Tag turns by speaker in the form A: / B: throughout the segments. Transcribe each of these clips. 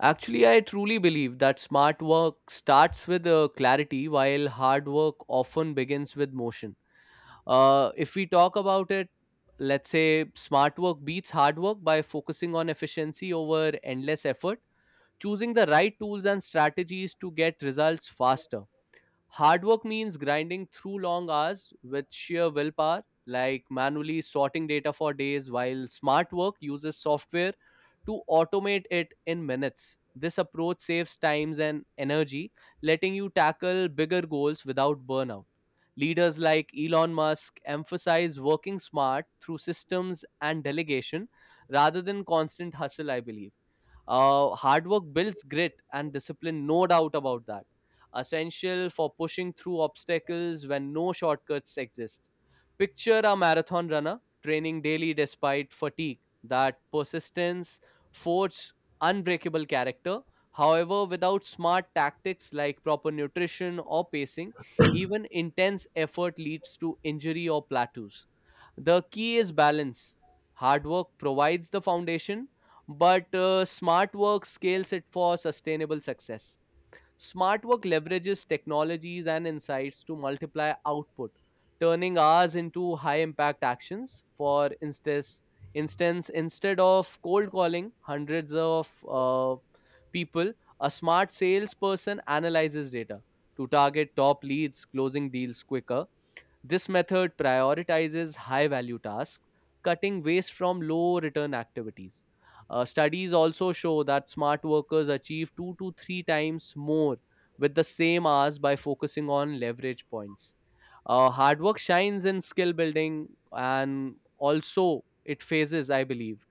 A: Actually, I truly believe that smart work starts with clarity, while hard work often begins with motion. If we talk about it, let's say smart work beats hard work by focusing on efficiency over endless effort, choosing the right tools and strategies to get results faster. Hard work means grinding through long hours with sheer willpower, like manually sorting data for days, while smart work uses software to automate it in minutes. This approach saves times and energy, letting you tackle bigger goals without burnout. Leaders like Elon Musk emphasize working smart through systems and delegation rather than constant hustle, I believe. Hard work builds grit and discipline, no doubt about that, essential for pushing through obstacles when no shortcuts exist. Picture a marathon runner training daily despite fatigue. That persistence forges unbreakable character. However, without smart tactics like proper nutrition or pacing, even intense effort leads to injury or plateaus. The key is balance. Hard work provides the foundation, but smart work scales it for sustainable success. Smart work leverages technologies and insights to multiply output, turning hours into high impact actions. For instance, instead of cold calling hundreds of people, a smart salesperson analyzes data to target top leads, closing deals quicker. This method prioritizes high value tasks, cutting waste from low return activities. Studies also show that smart workers achieve two to three times more with the same hours by focusing on leverage points. Hard work shines in skill building and also it phases, I believe,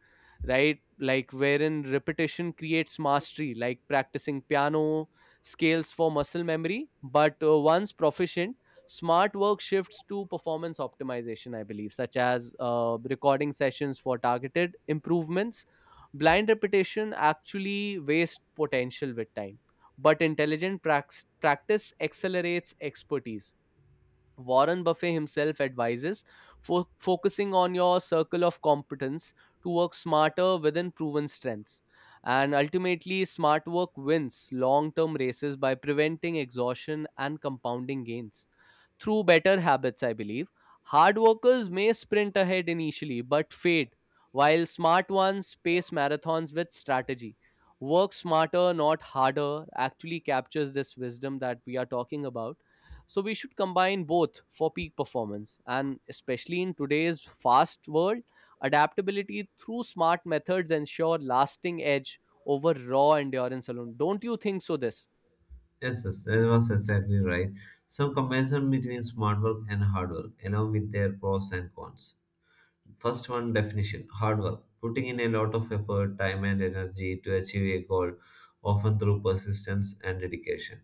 A: right? Like wherein repetition creates mastery, like practicing piano scales for muscle memory. But once proficient, smart work shifts to performance optimization, I believe, such as recording sessions for targeted improvements. Blind repetition actually wastes potential with time, but intelligent practice accelerates expertise. Warren Buffett himself advises for focusing on your circle of competence to work smarter within proven strengths. And ultimately, smart work wins long term races by preventing exhaustion and compounding gains through better habits, I believe. Hard workers may sprint ahead initially but fade, while smart ones pace marathons with strategy. Work smarter, not harder, actually captures this wisdom that we are talking about, so we should combine both for peak performance. And especially in today's fast world, adaptability through smart methods ensure lasting edge over raw endurance alone. Don't you think so? This
B: Yes, yes, that was exactly right. Some comparison between smart work and hard work, along with their pros and cons. First one definition hard work, putting in a lot of effort, time, and energy to achieve a goal, often through persistence and dedication.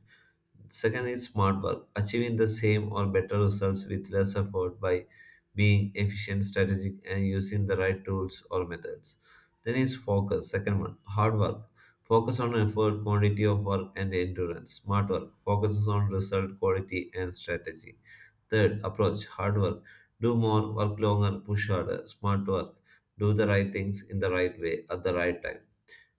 B: Second is smart work, achieving the same or better results with less effort by being efficient, strategic, and using the right tools or methods. Then is focus. Second one, hard work. Focus on effort, quantity of work, and endurance. Smart work focuses on result, quality, and strategy. Third, approach hard work. Do more, work longer, push harder. Smart work. Do the right things in the right way at the right time.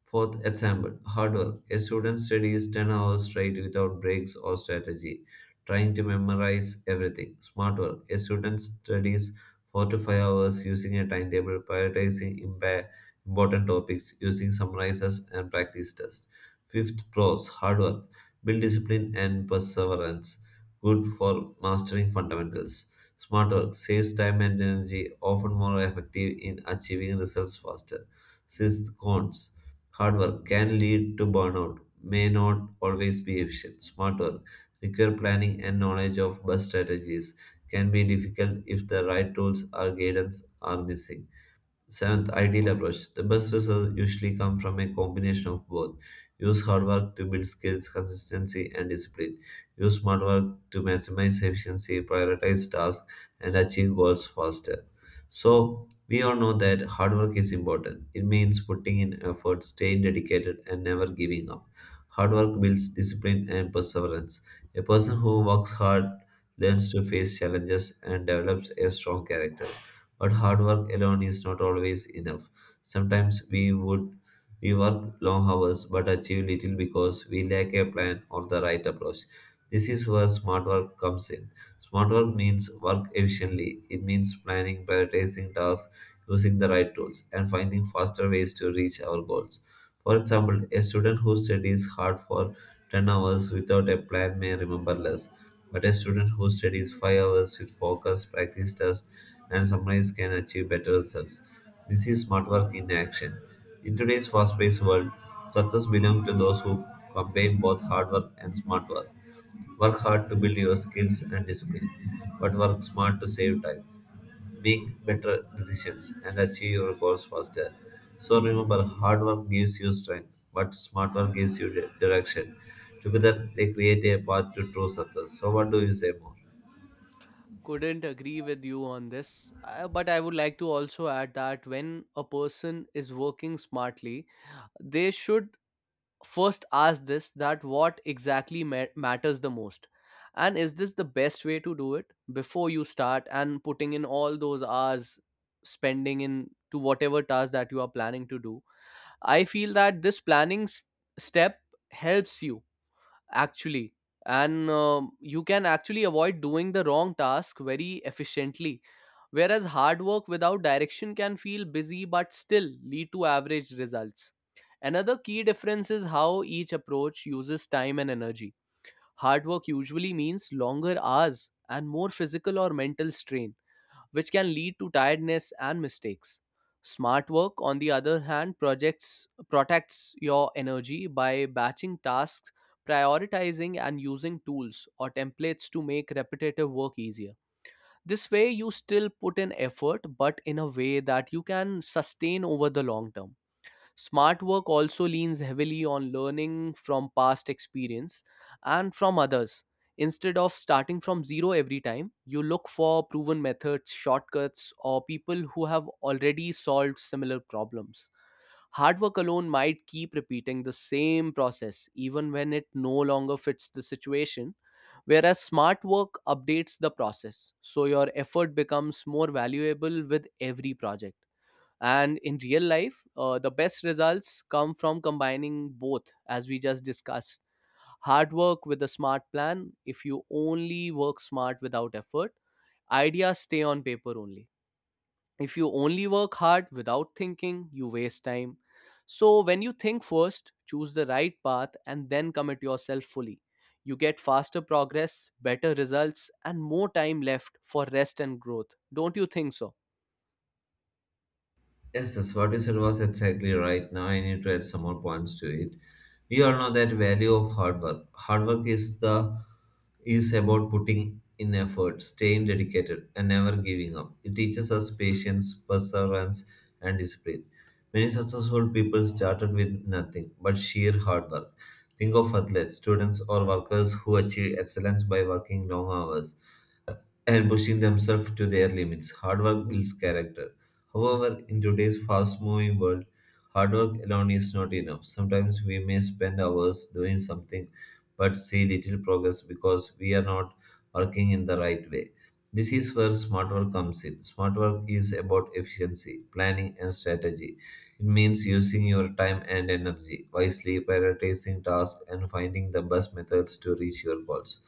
B: Fourth, example hard work. A student studies 10 hours straight without breaks or strategy, trying to memorize everything. Smart work. A student studies 4 to 5 hours using a timetable, prioritizing important topics, using summarizers and practice tests. Fifth, pros. Hard work. Build discipline and perseverance. Good for mastering fundamentals. Smart work saves time and energy, often more effective in achieving results faster. Sixth, cons. Hard work can lead to burnout, may not always be efficient. Smart work require planning and knowledge of bus strategies, can be difficult if the right tools or guidance are missing. Seventh, ideal approach. The best results usually come from a combination of both. Use hard work to build skills, consistency, and discipline. Use smart work to maximize efficiency, prioritize tasks, and achieve goals faster. So, we all know that hard work is important. It means putting in effort, staying dedicated, and never giving up. Hard work builds discipline and perseverance. A person who works hard learns to face challenges and develops a strong character. But hard work alone is not always enough. Sometimes we work long hours but achieve little because we lack a plan or the right approach. This is where smart work comes in. Smart work means work efficiently. It means planning, prioritizing tasks, using the right tools, and finding faster ways to reach our goals. For example, a student who studies hard for 10 hours without a plan may remember less, but a student who studies 5 hours with focus, practice, and sometimes can achieve better results. This is smart work in action. In today's fast paced world, success belongs to those who combine both hard work and smart work. Work hard to build your skills and discipline, but work smart to save time, make better decisions, and achieve your goals faster. So remember, hard work gives you strength, but smart work gives you direction. Together, they create a path to true success. So, what do you say more?
A: couldn't agree with you on this, but I would like to also add that when a person is working smartly, they should first ask this: that what exactly matters the most and is this the best way to do it before you start and putting in all those hours spending in to whatever task that you are planning to do. I feel that this planning step helps you actually, and you can actually avoid doing the wrong task very efficiently, whereas hard work without direction can feel busy but still lead to average results. Another key difference is how each approach uses time and energy. Hard work usually means longer hours and more physical or mental strain, which can lead to tiredness and mistakes. Smart work, on the other hand, projects protects your energy by batching tasks, prioritizing and using tools or templates to make repetitive work easier. This way you still put in effort, but in a way that you can sustain over the long term. Smart work also leans heavily on learning from past experience and from others. Instead of starting from zero every time, you look for proven methods, shortcuts, or people who have already solved similar problems. Hard work alone might keep repeating the same process even when it no longer fits the situation, whereas smart work updates the process, so your effort becomes more valuable with every project. And in real life, the best results come from combining both, as we just discussed: hard work with a smart plan. If you only work smart without effort, ideas stay on paper only. If you only work hard without thinking, you waste time. So when you think first, choose the right path, and then commit yourself fully, you get faster progress, better results, and more time left for rest and growth. Don't you think so?
B: Yes, that's what you said was exactly right. Now I need to add some more points to it. We all know that value of hard work. Hard work is about putting in effort, staying dedicated, and never giving up. It teaches us patience, perseverance, and discipline. Many successful people started with nothing but sheer hard work. Think of athletes, students, or workers who achieve excellence by working long hours and pushing themselves to their limits. Hard work builds character. However, in today's fast moving world, hard work alone is not enough. Sometimes we may spend hours doing something but see little progress because we are not working in the right way. This is where smart work comes in. Smart work is about efficiency, planning, and strategy. It means using your time and energy wisely, prioritizing tasks, and finding the best methods to reach your goals.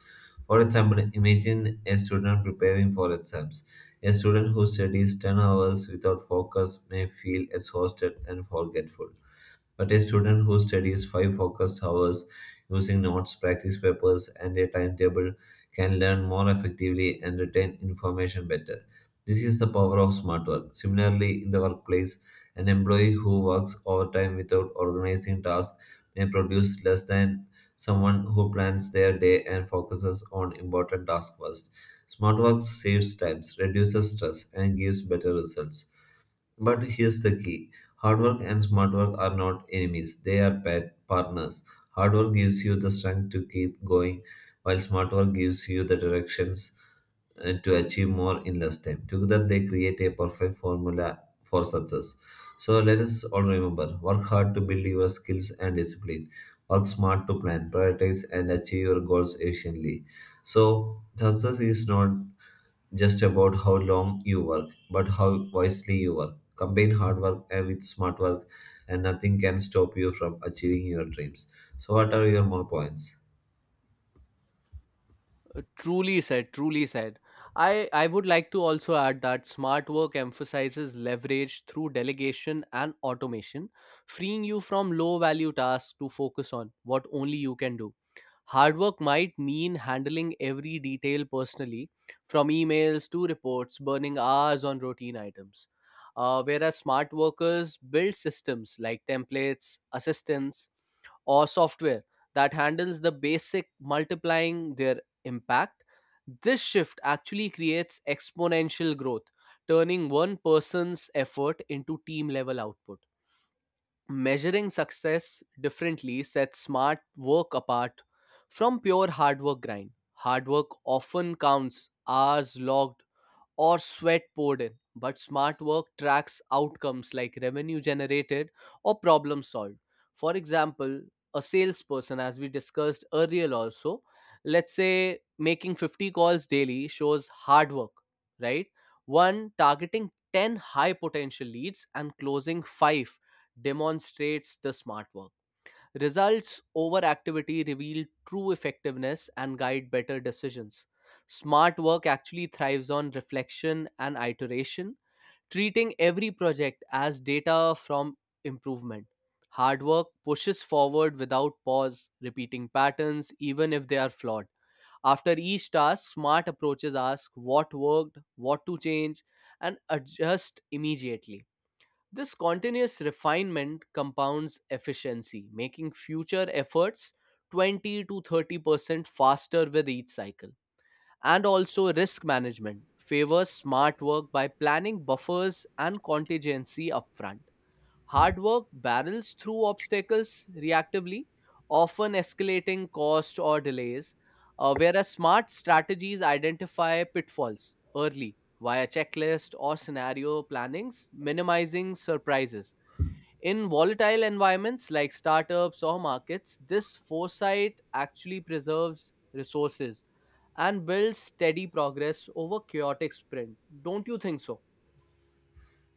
B: For example, imagine a student preparing for exams. A student who studies 10 hours without focus may feel exhausted and forgetful. But a student who studies 5 focused hours using notes, practice papers, and a timetable can learn more effectively and retain information better. This is the power of smart work. Similarly, in the workplace, an employee who works overtime without organizing tasks may produce less than someone who plans their day and focuses on important tasks first. Smart work saves time, reduces stress, and gives better results. But here's the key hard work and smart work are not enemies, they are pet partners. Hard work gives you the strength to keep going, while smart work gives you the directions to achieve more in less time. Together, they create a perfect formula for success. So, let us all remember work hard to build your skills and discipline, work smart to plan, prioritize, and achieve your goals efficiently. So, success is not just about how long you work, but how wisely you work. Combine hard work and with smart work, and nothing can stop you from achieving your dreams. So, what are your more points?
A: Truly said, truly said. I would like to also add that smart work emphasizes leverage through delegation and automation, freeing you from low value tasks to focus on what only you can do. Hard work might mean handling every detail personally, from emails to reports, burning hours on routine items. Whereas smart workers build systems like templates, assistants, or software that handles the basic multiplying their impact, this shift actually creates exponential growth, turning one person's effort into team level output. Measuring success differently sets smart work apart from pure hard work grind. Hard work often counts hours logged or sweat poured in. But smart work tracks outcomes like revenue generated or problem solved. For example, a salesperson, as we discussed earlier, also, let's say making 50 calls daily shows hard work, right? One, targeting 10 high potential leads and closing five demonstrates the smart work. Results over activity reveal true effectiveness and guide better decisions. Smart work actually thrives on reflection and iteration, treating every project as data from improvement. Hard work pushes forward without pause, repeating patterns even if they are flawed. After each task, smart approaches ask what worked, what to change, and adjust immediately. This continuous refinement compounds efficiency, making future efforts 20 to 30% faster with each cycle. And also, risk management favors smart work by planning buffers and contingency upfront. Hard work barrels through obstacles reactively, often escalating cost or delays, whereas smart strategies identify pitfalls early via checklist or scenario plannings, minimizing surprises. In volatile environments like startups or markets, this foresight actually preserves resources and builds steady progress over chaotic sprint. Don't you think so?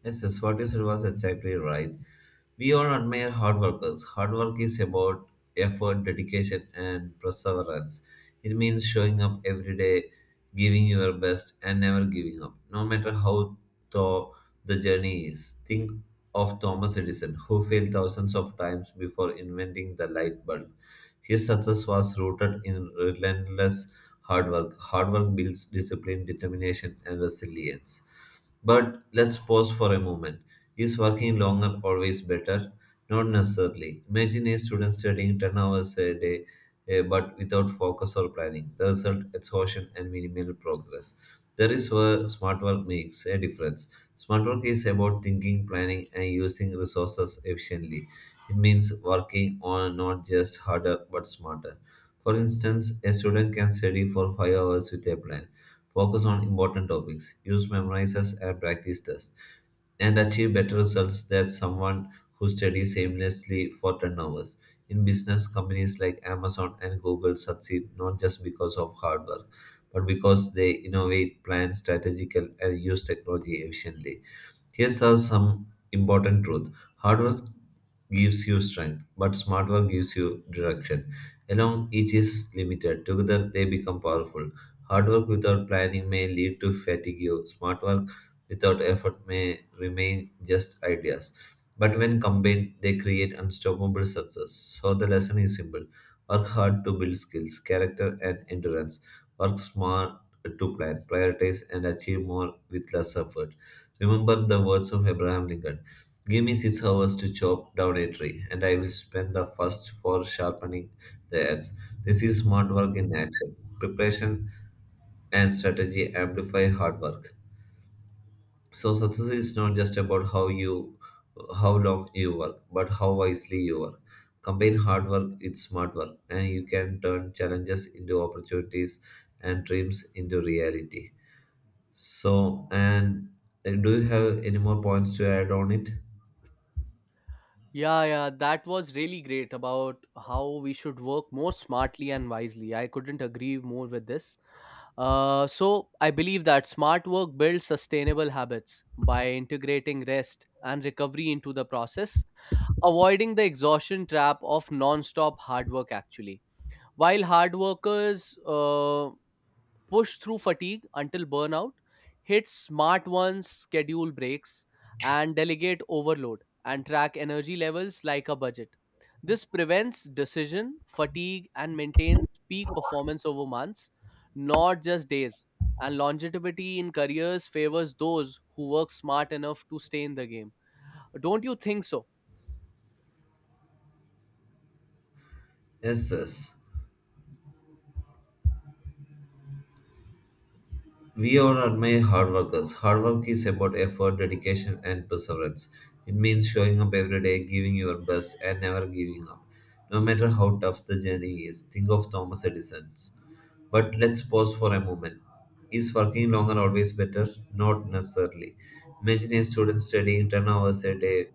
B: Yes, yes, what you said was exactly right. We all admire hard workers. Hard work is about effort, dedication, and perseverance. It means showing up every day, giving your best, and never giving up, no matter how tough the journey is. Think of Thomas Edison, who failed thousands of times before inventing the light bulb. His success was rooted in relentless hard work. Hard work builds discipline, determination, and resilience. But let's pause for a moment. Is working longer always better? Not necessarily. Imagine a student studying 10 hours a day, but without focus or planning. The result exhaustion and minimal progress. That is where smart work makes a difference. Smart work is about thinking, planning, and using resources efficiently. It means working on not just harder but smarter. For instance, a student can study for 5 hours with a plan focus on important topics, use memorizers and practice tests, and achieve better results than someone who studies aimlessly for 10 hours. In business, companies like Amazon and Google succeed not just because of hard work, but because they innovate, plan strategical, and use technology efficiently. Here are some important truths. Hard work gives you strength, but smart work gives you direction. Alone, each is limited. Together, they become powerful. Hard work without planning may lead to fatigue. Smart work without effort may remain just ideas. But when combined, they create unstoppable success. So the lesson is simple. Work hard to build skills, character, and endurance. Work smart to plan, prioritize, and achieve more with less effort. Remember the words of Abraham Lincoln give me 6 hours to chop down a tree, and I will spend the first four sharpening the axe. This is smart work in action. Preparation and strategy amplify hard work. So success is not just about how long you work, but how wisely you work. Combine hard work with smart work and you can turn challenges into opportunities and dreams into reality. So and do you have any more points to add on it?
A: Yeah, yeah, that was really great about how we should work more smartly and wisely. I couldn't agree more with this. So, I believe that smart work builds sustainable habits by integrating rest and recovery into the process, avoiding the exhaustion trap of non stop hard work, actually. While hard workers push through fatigue until burnout, hit smart ones schedule breaks and delegate overload and track energy levels like a budget. This prevents decision fatigue and maintains peak performance over months, not just days. And longevity in careers favors those who work smart enough to stay in the game. Don't you think so?
B: Yes, yes. We all admire hard workers. Hard work is about effort, dedication, and perseverance. It means showing up every day, giving your best, and never giving up. No matter how tough the journey is, think of Thomas Edison. But let's pause for a moment. Is working longer always better? Not necessarily. Imagine a student studying 10 hours a day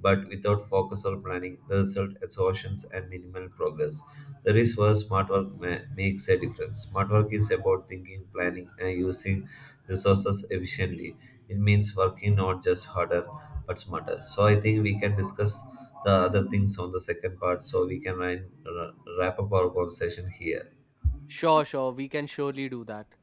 B: but without focus or planning, the result exhaustions and minimal progress. That is where smart work makes a difference. Smart work is about thinking, planning, and using resources efficiently. It means working not just harder but smarter. So I think we can discuss the other things on the second part. So we can wrap up our conversation here.
A: Sure, sure, we can surely do that.